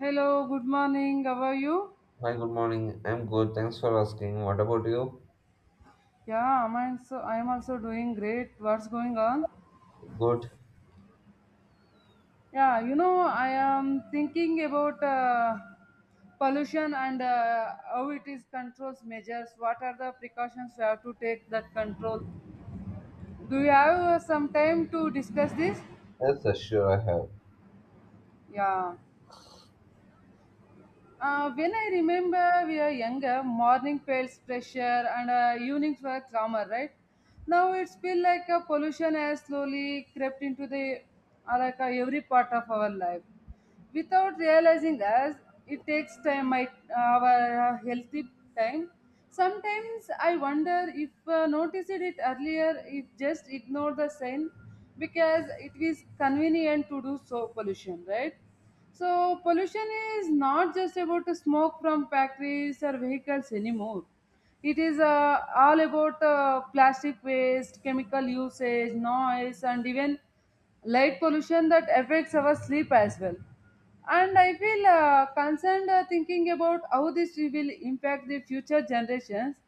Hello, good morning. How are you? Hi, good morning. I'm good. Thanks for asking. What about you? Yeah, I'm also doing great. What's going on? Good. Yeah, you know, I am thinking about pollution and how it is controls measures. What are the precautions we have to take that control? Do you have some time to discuss this? Yes, yes, sure I have. Yeah. When I remember we are younger, morning felt fresher and evenings were calmer, right? Now it's feel like a pollution has slowly crept into the every part of our life without realizing us, it takes time my our healthy time. Sometimes I wonder if noticed it earlier, if just ignore the sign because it is convenient to do so, pollution, right? So pollution is not just about the smoke from factories or vehicles anymore. It is all about plastic waste, chemical usage, noise, and even light pollution that affects our sleep as well. And I feel concerned, thinking about how this will impact the future generations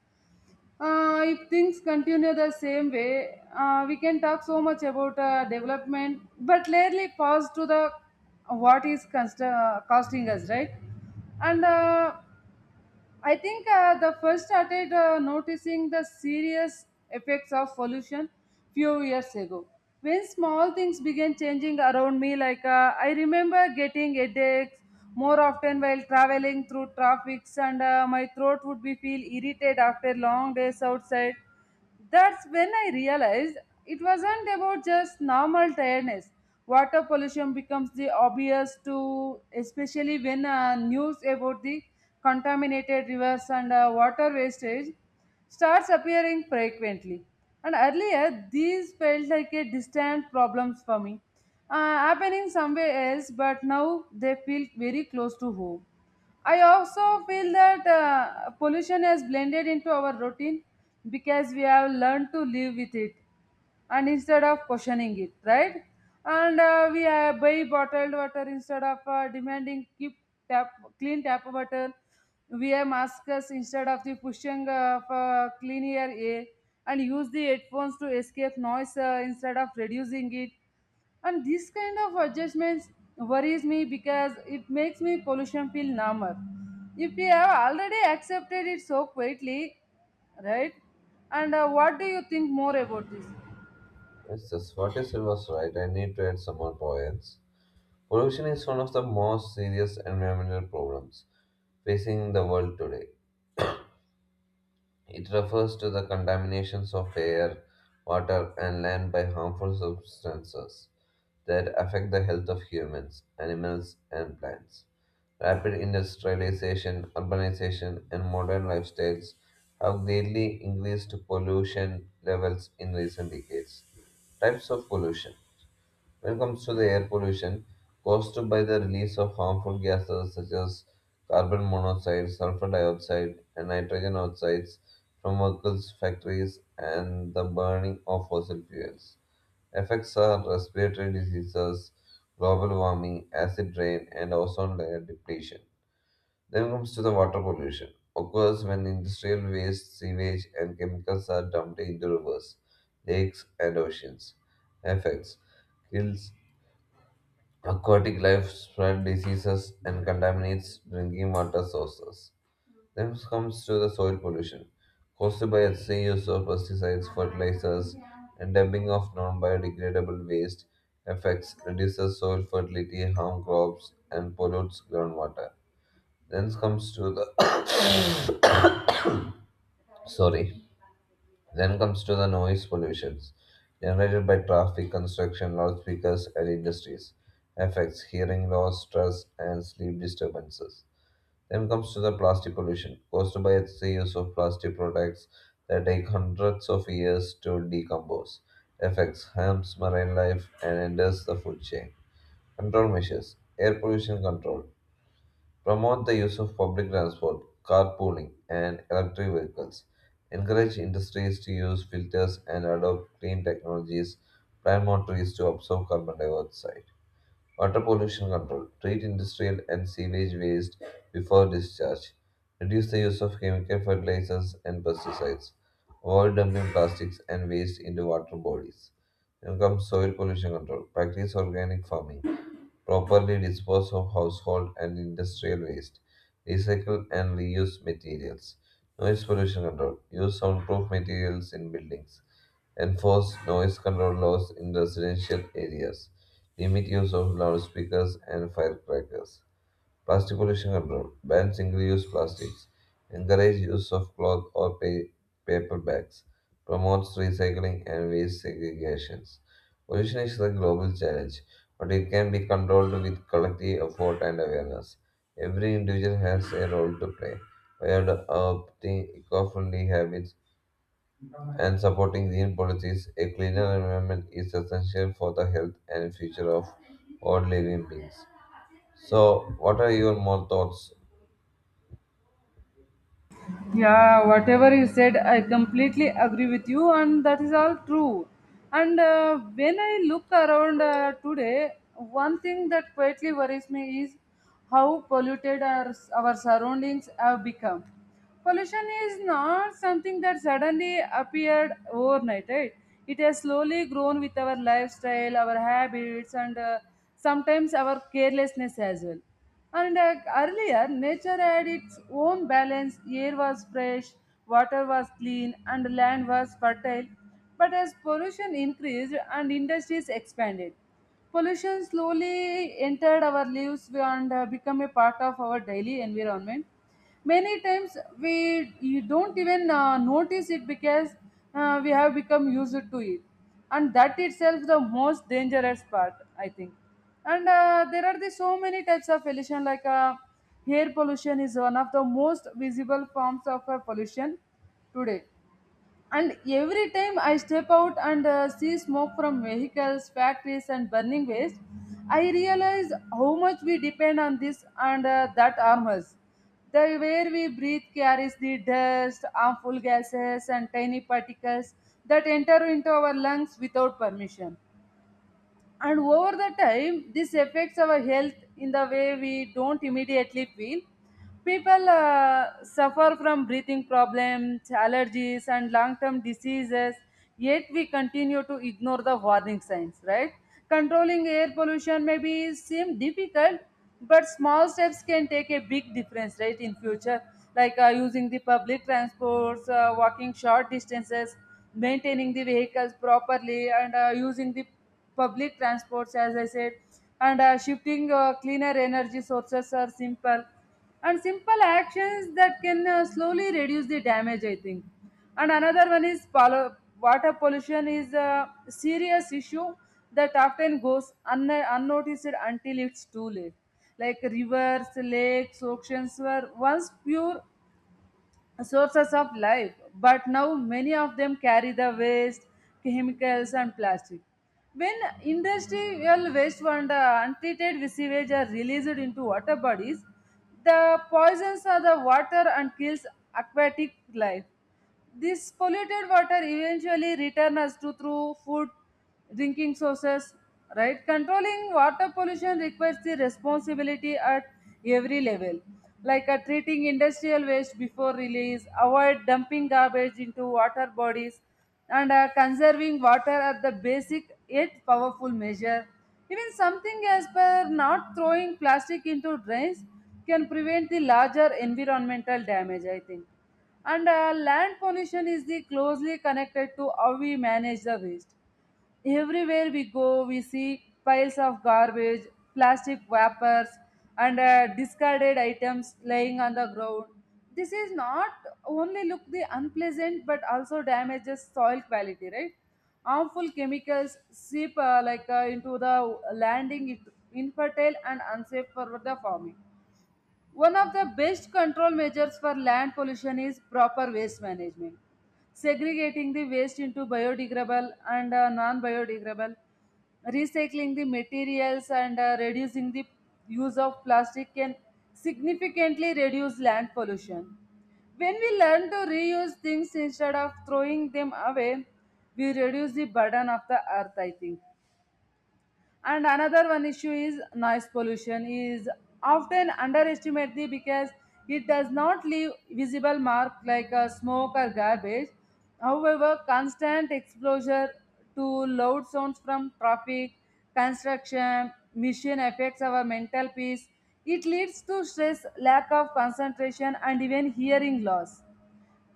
if things continue the same way. We can talk so much about development but rarely pause to the what is costing us, right? And I think the first started noticing the serious effects of pollution few years ago. When small things began changing around me, like I remember getting headaches more often while traveling through traffic, and my throat would be feel irritated after long days outside. That's when I realized it wasn't about just normal tiredness. Water pollution becomes the obvious to, especially when news about the contaminated rivers and water wastage starts appearing frequently. And earlier, these felt like a distant problems for me, happening somewhere else, but now they feel very close to home. I also feel that pollution has blended into our routine because we have learned to live with it and instead of questioning it, right? And we buy bottled water instead of demanding keep tap, clean tap water. We wear masks instead of the pushing of clean air and use the headphones to escape noise instead of reducing it, and this kind of adjustments worries me because it makes me pollution feel number if we have already accepted it so quietly, right? And what do you think more about this? Yes, yes. What is it was right. I need to add some more points. Pollution is one of the most serious environmental problems facing the world today. It refers to the contaminations of air, water, and land by harmful substances that affect the health of humans, animals, and plants. Rapid industrialization, urbanization, and modern lifestyles have greatly increased pollution levels in recent decades. Types of pollution when it comes to the air pollution caused by the release of harmful gases such as carbon monoxide, sulfur dioxide, and nitrogen oxides from vehicles, factories, and the burning of fossil fuels. Effects are respiratory diseases, global warming, acid rain, and ozone layer depletion. Then comes to the water pollution. Occurs when industrial waste, sewage, and chemicals are dumped into rivers, lakes, and oceans. Effects kills aquatic life, spread diseases, and contaminates drinking water sources. Then comes to the soil pollution, caused by excessive use of pesticides, fertilizers, and dumping of non-biodegradable waste. Affects reduces soil fertility, harm crops, and pollutes groundwater. Then comes to the Sorry. Then comes to the noise pollutions generated by traffic, construction, loudspeakers, and industries. Affects hearing loss, stress, and sleep disturbances. Then comes to the plastic pollution caused by the use of plastic products that take hundreds of years to decompose. Affects harms marine life and enters the food chain. Control measures: air pollution control. Promote the use of public transport, carpooling, and electric vehicles. Encourage industries to use filters and adopt clean technologies. Plant more trees to absorb carbon dioxide. Water pollution control. Treat industrial and sewage waste before discharge. Reduce the use of chemical fertilizers and pesticides. Avoid dumping plastics and waste into water bodies. Then comes soil pollution control. Practice organic farming. Properly dispose of household and industrial waste. Recycle and reuse materials. Noise pollution control. Use soundproof materials in buildings. Enforce noise control laws in residential areas. Limit use of loudspeakers and firecrackers. Plastic pollution control. Ban single use plastics. Encourage use of cloth or paper bags. Promotes recycling and waste segregation. Pollution is a global challenge, but it can be controlled with collective effort and awareness. Every individual has a role to play. By adopting eco friendly habits, and supporting green policies, a cleaner environment is essential for the health and future of all living beings. So, what are your more thoughts? Yeah, whatever you said, I completely agree with you, and that is all true. And when I look around today, one thing that quietly worries me is how polluted our surroundings have become. Pollution is not something that suddenly appeared overnight, right? It has slowly grown with our lifestyle, our habits, and sometimes our carelessness as well. And earlier, nature had its own balance. Air was fresh, water was clean, and land was fertile. But as pollution increased and industries expanded, pollution slowly entered our lives and become a part of our daily environment. Many times we you don't even notice it because we have become used to it, and that itself the most dangerous part, I think. And there are the so many types of pollution, like air pollution is one of the most visible forms of pollution today. And every time I step out and see smoke from vehicles, factories, and burning waste, I realize how much we depend on this and that armors. The air we breathe carries the dust, harmful gases, and tiny particles that enter into our lungs without permission, and over the time this affects our health in the way we don't immediately feel. People suffer from breathing problems, allergies, and long term diseases, yet we continue to ignore the warning signs, right? Controlling air pollution may be seem difficult, but small steps can take a big difference right in future, like using the public transports, walking short distances, maintaining the vehicles properly, and using the public transports, as I said, and shifting cleaner energy sources are simple and simple actions that can slowly reduce the damage, I think. And another one is water pollution is a serious issue that often goes unnoticed until it's too late. Like rivers, lakes, oceans were once pure sources of life, but now many of them carry the waste, chemicals, and plastic. When industrial waste and untreated sewage are released into water bodies, the poisons of the water and kills aquatic life. This polluted water eventually returns to through food, drinking sources, right? Controlling water pollution requires the responsibility at every level, like treating industrial waste before release, avoid dumping garbage into water bodies, and conserving water are the basic yet powerful measure. Even something as per not throwing plastic into drains can prevent the larger environmental damage, I think. And land pollution is the closely connected to how we manage the waste. Everywhere we go, we see piles of garbage, plastic wrappers, and discarded items lying on the ground. This is not only look the unpleasant but also damages soil quality, right? Harmful chemicals seep into the landing, it infertile and unsafe for the farming. One of the best control measures for land pollution is proper waste management. Segregating the waste into biodegradable and non biodegradable, recycling the materials, and reducing the use of plastic can significantly reduce land pollution. When we learn to reuse things instead of throwing them away, we reduce the burden of the earth, I think. And another one issue is noise pollution is often underestimated because it does not leave visible mark like smoke or garbage. However, constant exposure to loud sounds from traffic, construction machine affects our mental peace. It leads to stress, lack of concentration, and even hearing loss.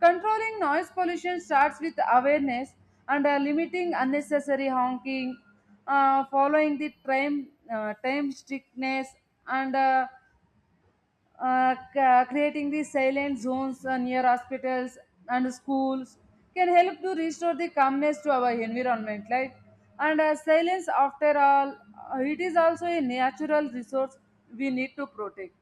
Controlling noise pollution starts with awareness and limiting unnecessary honking, following the time, time strictness, and creating the silent zones near hospitals and schools can help to restore the calmness to our environment. Like and silence, after all, it is also a natural resource we need to protect.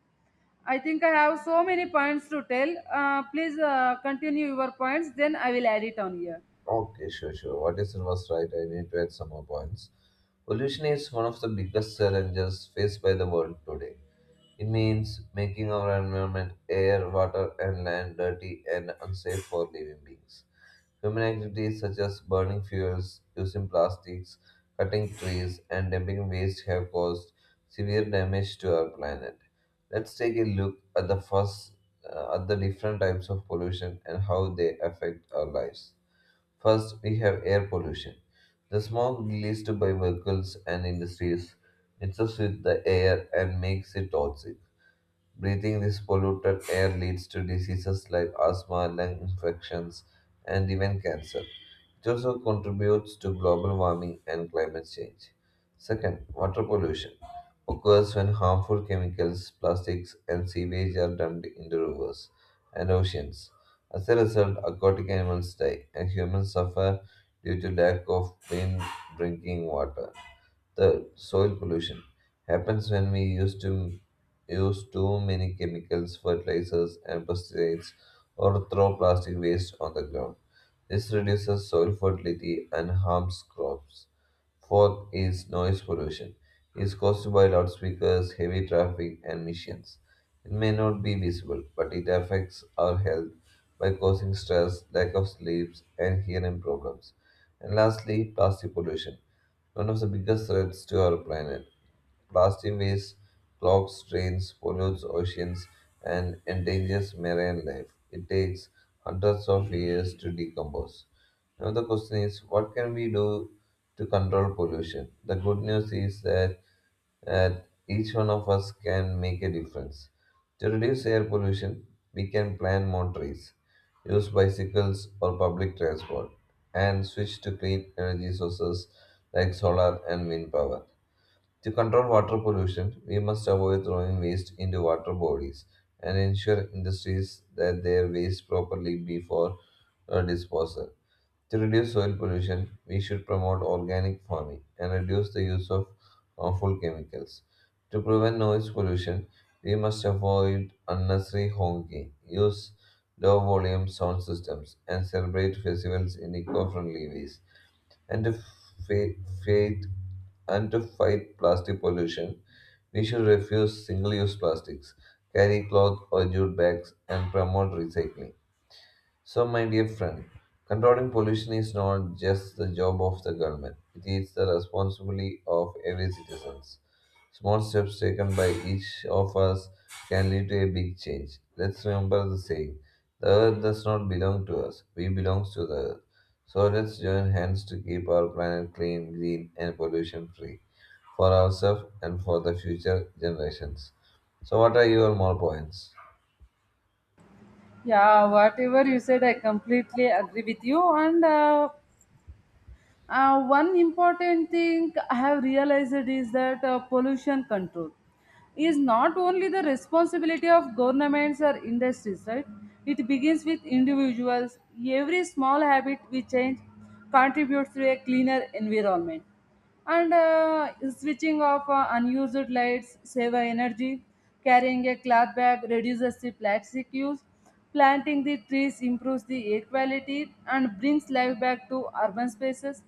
I think I have so many points to tell. Please continue your points, then I will add it on here. Okay, sure, sure. What is it was right? I need to add some more points. Pollution is one of the biggest challenges faced by the world today. It means making our environment, air, water, and land dirty and unsafe for living beings. Human activities such as burning fuels, using plastics, cutting trees, and dumping waste have caused severe damage to our planet. Let's take a look at the first at the different types of pollution and how they affect our lives. First, we have air pollution. The smoke released by vehicles and industries mixes with the air and makes it toxic. Breathing this polluted air leads to diseases like asthma, lung infections, and even cancer. It also contributes to global warming and climate change. Second, water pollution occurs when harmful chemicals, plastics, and sewage are dumped into rivers and oceans. As a result, aquatic animals die, and humans suffer due to lack of clean drinking water. The soil pollution happens when we use too many chemicals, fertilizers, and pesticides, or throw plastic waste on the ground. This reduces soil fertility and harms crops. Fourth is noise pollution. It is caused by loudspeakers, heavy traffic, and emissions. It may not be visible, but it affects our health by causing stress, lack of sleep, and hearing problems. And lastly, plastic pollution, one of the biggest threats to our planet. Blasting waves clogs drains, pollutes oceans, and endangers marine life. It takes hundreds of years to decompose. Now, the question is what can we do to control pollution? The good news is that each one of us can make a difference. To reduce air pollution, we can plant more trees, use bicycles or public transport, and switch to clean energy sources like solar and wind power. To control water pollution, we must avoid throwing waste into water bodies and ensure industries that their waste properly before disposal. To reduce soil pollution, we should promote organic farming and reduce the use of harmful chemicals. To prevent noise pollution, we must avoid unnecessary honking, use low volume sound systems, and celebrate festivals in eco friendly ways, and fa- fight to fight plastic pollution, we should refuse single-use plastics, carry cloth or jute bags, and promote recycling. So, my dear friend, controlling pollution is not just the job of the government, it is the responsibility of every citizen. Small steps taken by each of us can lead to a big change. Let's remember the saying the earth does not belong to us, we belong to the earth. So, let's join hands to keep our planet clean, green, and pollution free for ourselves and for the future generations. So, what are your more points? Yeah, whatever you said, I completely agree with you. And one important thing I have realized is that pollution control is not only the responsibility of governments or industries, right? It begins with individuals. Every small habit we change contributes to a cleaner environment, and switching off unused lights save energy, carrying a cloth bag reduces the plastic use, planting the trees improves the air quality and brings life back to urban spaces.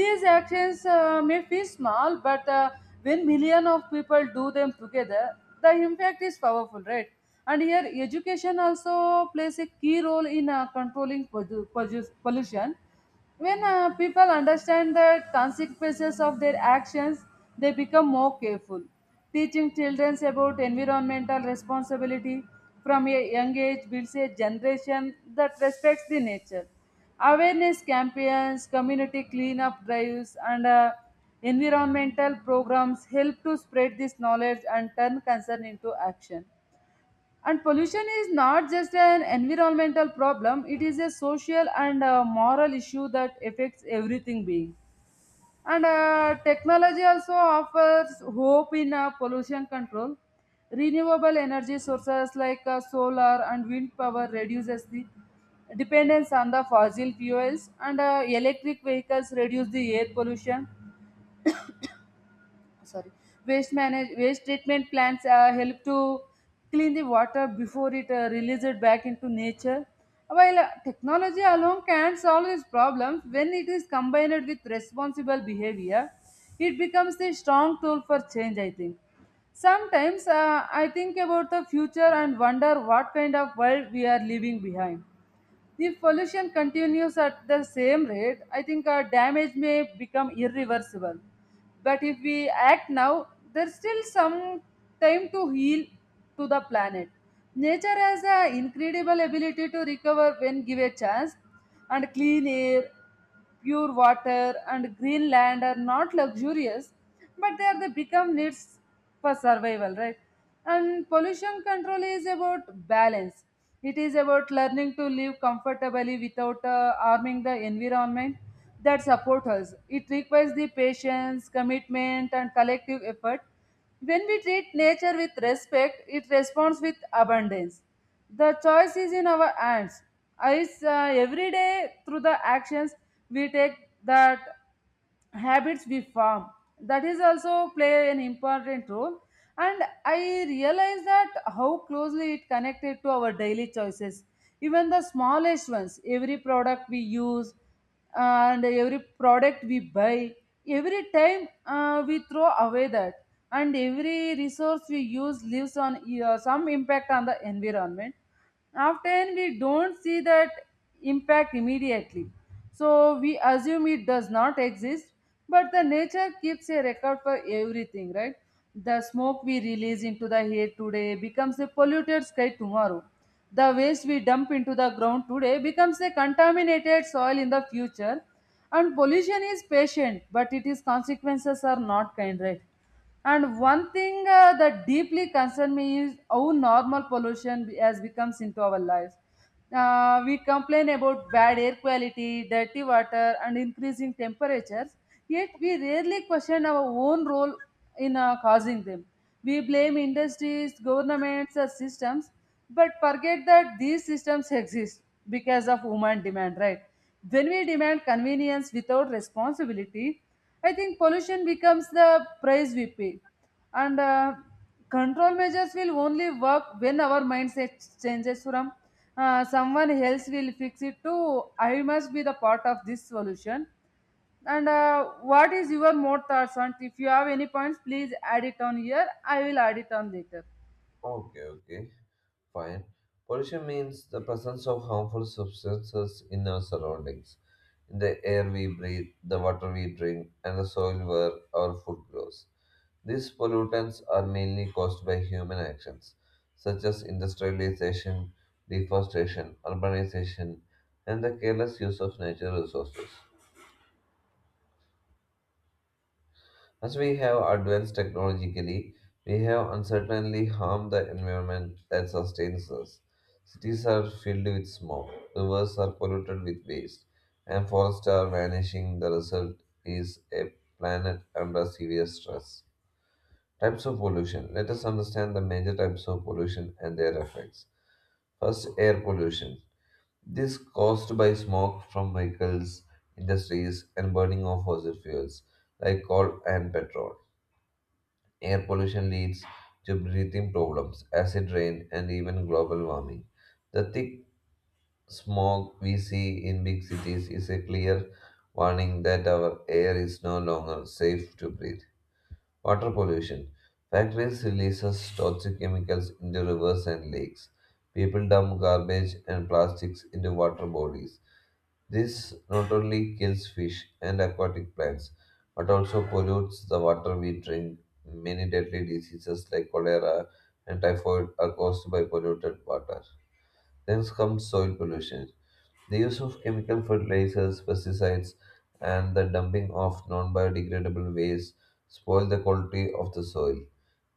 These actions may feel small, but when millions of people do them together, the impact is powerful, right? And here education also plays a key role in controlling pollution. When people understand the consequences of their actions, they become more careful. Teaching children about environmental responsibility from a young age builds a generation that respects the nature. Awareness campaigns, community cleanup drives, and environmental programs help to spread this knowledge and turn concern into action. And pollution is not just an environmental problem, it is a social and moral issue that affects everything being. And technology also offers hope in pollution control. Renewable energy sources like solar and wind power reduces the dependence on the fossil fuels, and electric vehicles reduce the air pollution. Sorry, waste treatment plants help to clean the water before it releases back into nature. While technology alone can solve these problems, when it is combined with responsible behavior, it becomes a strong tool for change, I think. Sometimes I think about the future and wonder what kind of world we are leaving behind. If pollution continues at the same rate, I think our damage may become irreversible. But if we act now, there's still some time to heal to the planet. Nature has an incredible ability to recover when given a chance, and clean air, pure water, and green land are not luxurious, but they are the become needs for survival, right? And pollution control is about balance. It is about learning to live comfortably without harming the environment that supports us. It requires the patience, commitment, and collective effort. When we treat nature with respect, it responds with abundance. The choice is in our hands. It's every day through the actions we take, that habits we form, that is also play an important role. And I realize that how closely it connected to our daily choices, even the smallest ones. Every product we use and every product we buy, every time we throw away that, and every resource we use leaves on some impact on the environment. Often we don't see that impact immediately, so we assume it does not exist, but the nature keeps a record for everything, right? The smoke we release into the air today becomes a polluted sky tomorrow. The waste we dump into the ground today becomes a contaminated soil in the future. And pollution is patient, but its consequences are not kind, right? And one thing that deeply concerns me is how normal pollution has becomes into our lives. We complain about bad air quality, dirty water, and increasing temperatures, yet we rarely question our own role in causing them. We blame industries, governments, or systems, but forget that these systems exist because of human demand, right? When we demand convenience without responsibility, I think pollution becomes the price we pay, and control measures will only work when our mindset changes from someone else will fix it to I must be the part of this solution. And what is your more thoughts on? If you have any points, please add it on here. I will add it on later. Okay, okay. Fine. Pollution means the presence of harmful substances in our surroundings, in the air we breathe, the water we drink, and the soil where our food grows. These pollutants are mainly caused by human actions, such as industrialization, deforestation, urbanization, and the careless use of natural resources. As we have advanced technologically, we have uncertainly harmed the environment that sustains us. Cities are filled with smoke, rivers are polluted with waste, and forests are vanishing. The result is a planet under serious stress. Types of pollution. Let us understand the major types of pollution and their effects. First, air pollution. This caused by smoke from vehicles, industries, and burning of fossil fuels like coal and petrol. Air pollution leads to breathing problems, acid rain, and even global warming. The thick smog we see in big cities is a clear warning that our air is no longer safe to breathe. Water pollution. Factories releases toxic chemicals into rivers and lakes. People dump garbage and plastics into water bodies. This not only kills fish and aquatic plants, but also pollutes the water we drink. Many deadly diseases like cholera and typhoid are caused by polluted water. Then comes soil pollution. The use of chemical fertilizers, pesticides, and the dumping of non biodegradable waste spoil the quality of the soil.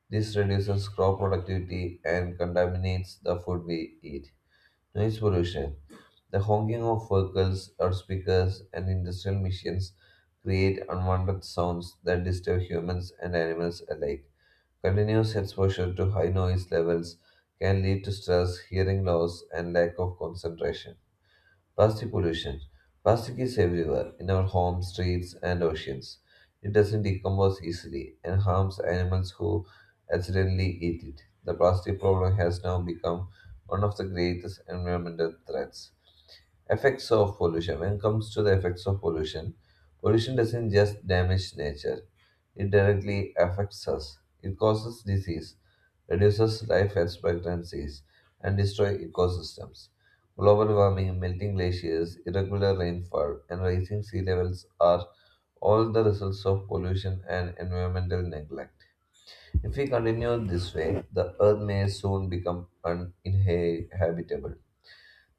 This reduces crop productivity and contaminates the food we eat. Noise pollution. The honking of vehicles or speakers and industrial machines create unwanted sounds that disturb humans and animals alike. Continuous exposure to high noise levels can lead to stress, hearing loss, and lack of concentration. Plastic pollution. Plastic is everywhere, in our homes, streets, and oceans. It doesn't decompose easily and harms animals who accidentally eat it. The plastic problem has now become one of the greatest environmental threats. Effects of pollution, when it comes to the effects of pollution, pollution doesn't just damage nature, it directly affects us. It causes disease, reduces life expectancies, and destroys ecosystems. Global warming, melting glaciers, irregular rainfall, and rising sea levels are all the results of pollution and environmental neglect. If we continue this way, the earth may soon become uninhabitable.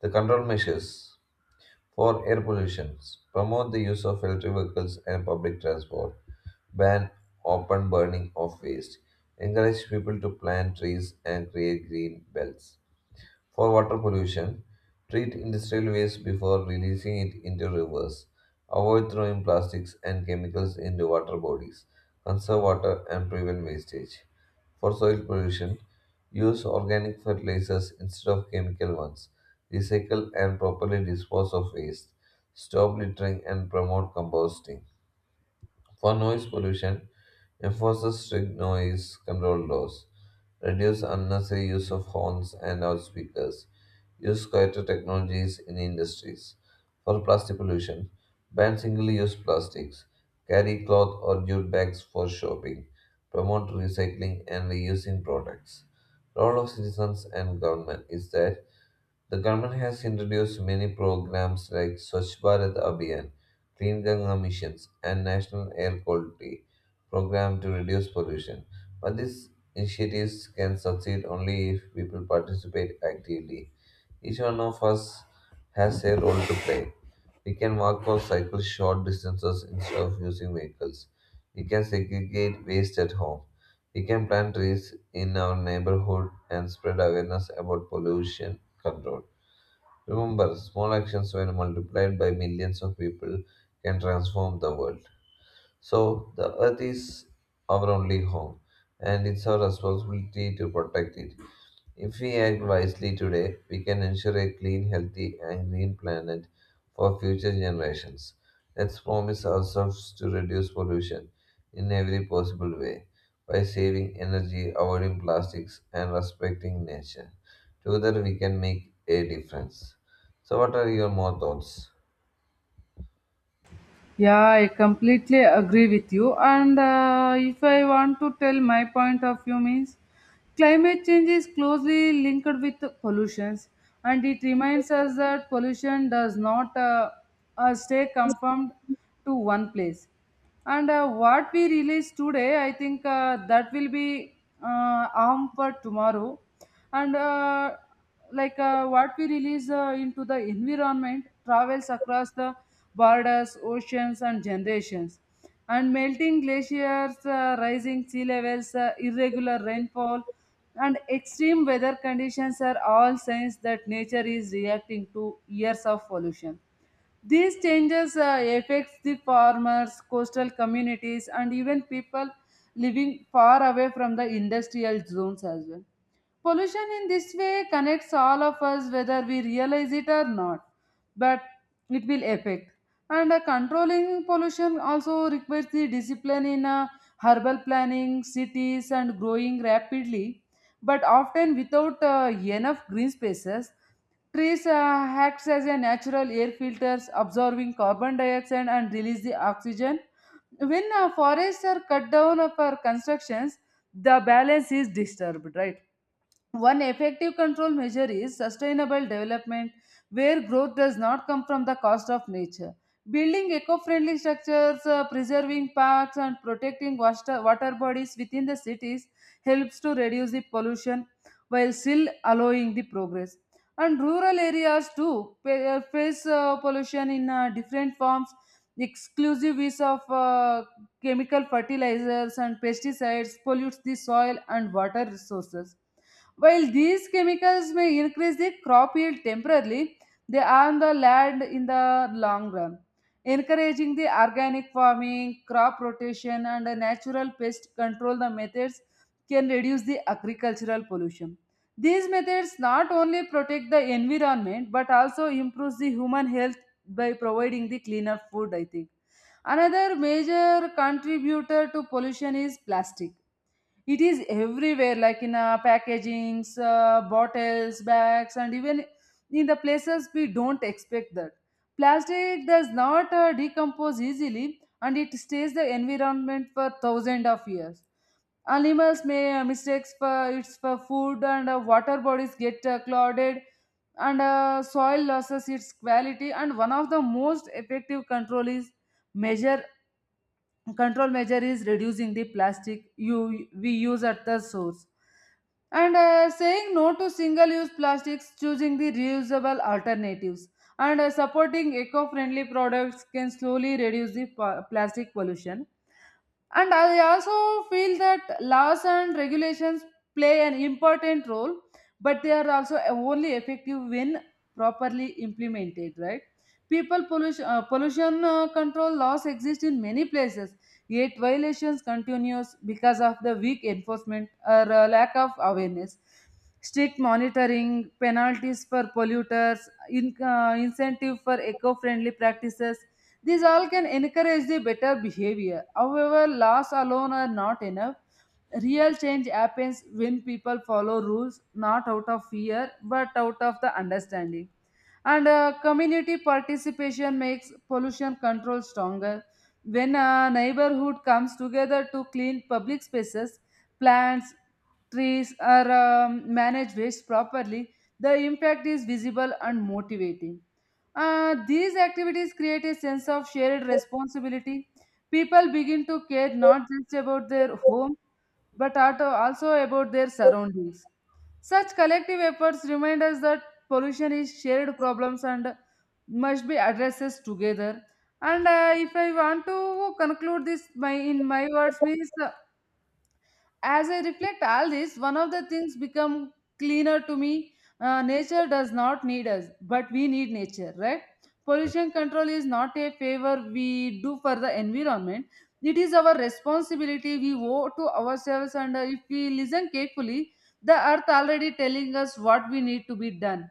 The control measures for air pollution. Promote the use of electric vehicles and public transport. Ban open burning of waste. Encourage people to plant trees and create green belts. For water pollution, treat industrial waste before releasing it into rivers. Avoid throwing plastics and chemicals into water bodies. Conserve water and prevent wastage. For soil pollution, use organic fertilizers instead of chemical ones. Recycle and properly dispose of waste. Stop littering and promote composting. For noise pollution, enforces strict noise control laws, reduce unnecessary use of horns and loudspeakers, use quieter technologies in industries. For plastic pollution, ban single-use plastics, carry cloth or jute bags for shopping, promote recycling and reusing products. Role of citizens and government is that the government has introduced many programs like Swachh Bharat Abhiyan, Clean Ganga missions, and National Air Quality Program to reduce pollution. But these initiatives can succeed only if people participate actively. Each one of us has a role to play. We can walk or cycle short distances instead of using vehicles. We can segregate waste at home. We can plant trees in our neighborhood and spread awareness about pollution control. Remember, small actions, when multiplied by millions of people, can transform the world. So, the earth is our only home, and it's our responsibility to protect it. If we act wisely today, we can ensure a clean, healthy, and green planet for future generations. Let's promise ourselves to reduce pollution in every possible way by saving energy, avoiding plastics, and respecting nature. Together, we can make a difference. So, what are your more thoughts? Yeah, I completely agree with you. And if I want to tell my point of view, means climate change is closely linked with pollutions, and it reminds us that pollution does not stay confined to one place. And what we release today, I think that will be harm for tomorrow, and what we release into the environment travels across the borders, oceans, and generations. And melting glaciers, rising sea levels, irregular rainfall, and extreme weather conditions are all signs that nature is reacting to years of pollution. These changes affects the farmers, coastal communities, and even people living far away from the industrial zones as well. Pollution in this way connects all of us, whether we realize it or not, but it will affect. And controlling pollution also requires the discipline in herbal planning, cities, and growing rapidly, but often without enough green spaces. Trees acts as a natural air filters, absorbing carbon dioxide and release the oxygen. When forests are cut down for constructions, the balance is disturbed, right? One effective control measure is sustainable development, where growth does not come from the cost of nature. Building eco friendly structures, preserving parks, and protecting water bodies within the cities helps to reduce the pollution while still allowing the progress. And rural areas too face pollution in different forms. Exclusive use of chemical fertilizers and pesticides pollutes the soil and water resources. While these chemicals may increase the crop yield temporarily, they harm the land in the long run. Encouraging the organic farming, crop rotation, and natural pest control the methods can reduce the agricultural pollution. These methods not only protect the environment but also improves the human health by providing the cleaner food, I think. Another major contributor to pollution is plastic. It is everywhere, like in packagings, bottles, bags, and even in the places we don't expect that. Plastic does not decompose easily, and it stays the environment for thousands of years. Animals may mistakes for its for food, and water bodies get clouded, and soil loses its quality. And one of the most effective measure control measure is reducing the plastic you we use at the source, and saying no to single use plastics, choosing the reusable alternatives, and supporting eco friendly products can slowly reduce the plastic pollution. And I also feel that laws and regulations play an important role, but they are also only effective when properly implemented, right? Pollution control laws exist in many places, yet violations continues because of the weak enforcement or lack of awareness. Strict monitoring, penalties for polluters, incentive for eco-friendly practices, these all can encourage the better behavior. However, laws alone are not enough. Real change happens when people follow rules not out of fear but out of the understanding. And community participation makes pollution control stronger. When a neighborhood comes together to clean public spaces, plants, trees, or manage waste properly, the impact is visible and motivating. These activities create a sense of shared responsibility. People begin to care not just about their home, but also about their surroundings. Such collective efforts remind us that pollution is shared problems and must be addressed together. And if I want to conclude this my in my words means, as I reflect all this, one of the things become cleaner to me. Nature does not need us, but we need nature, right? Pollution control is not a favor we do for the environment. It is our responsibility we owe to ourselves, and if we listen carefully, the earth already telling us what we need to be done.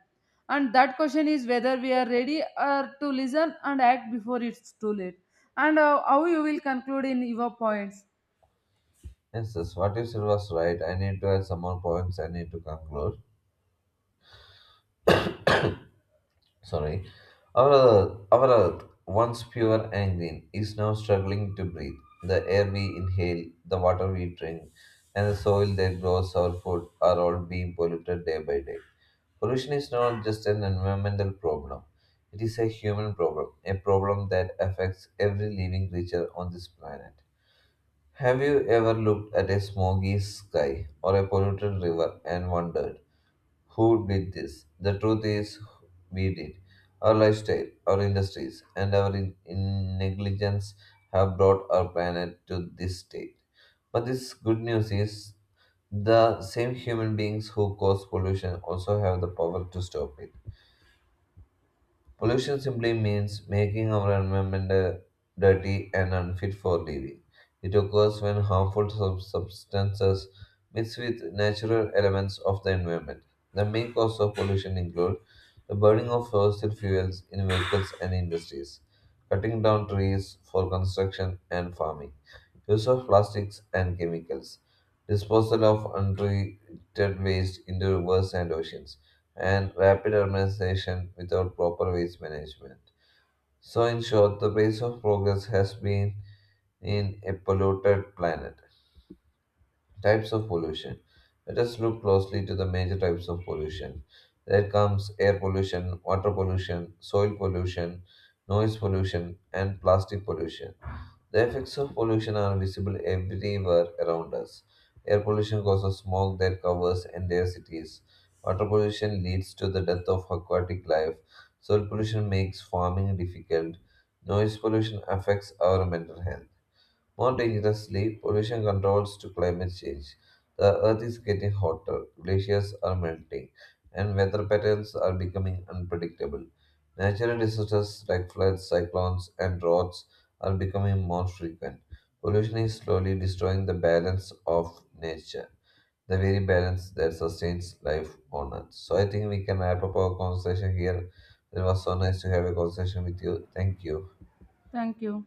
And that question is whether we are ready to listen and act before it's too late. And how you will conclude in your points. Yes, yes, what you said was right? I need to add some more points. I need to conclude. Sorry, our earth, once pure and green, is now struggling to breathe. The air we inhale, the water we drink, and the soil that grows our food are all being polluted day by day. Pollution is not just an environmental problem, it is a human problem, a problem that affects every living creature on this planet. Have you ever looked at a smoky sky or a polluted river and wondered? Who did this? The truth is, we did. Our lifestyle, our industries, and our negligence have brought our planet to this state. But this good news is the same human beings who cause pollution also have the power to stop it. Pollution simply means making our environment dirty and unfit for living. It occurs when harmful substances mix with natural elements of the environment. The main causes of pollution include the burning of fossil fuels in vehicles and industries, cutting down trees for construction and farming, use of plastics and chemicals, disposal of untreated waste into rivers and oceans, and rapid urbanization without proper waste management. So, in short, the pace of progress has been in a polluted planet. Types of pollution. Let us look closely to the major types of pollution. There comes air pollution, water pollution, soil pollution, noise pollution, and plastic pollution. The effects of pollution are visible everywhere around us. Air pollution causes smog that covers entire cities. Water pollution leads to the death of aquatic life. Soil pollution makes farming difficult. Noise pollution affects our mental health. More dangerously, pollution controls to climate change. The earth is getting hotter, glaciers are melting, and weather patterns are becoming unpredictable. Natural disasters like floods, cyclones, and droughts are becoming more frequent. Pollution is slowly destroying the balance of nature, the very balance that sustains life on earth. So I think we can wrap up our conversation here. It was so nice to have a conversation with you. Thank you. Thank you.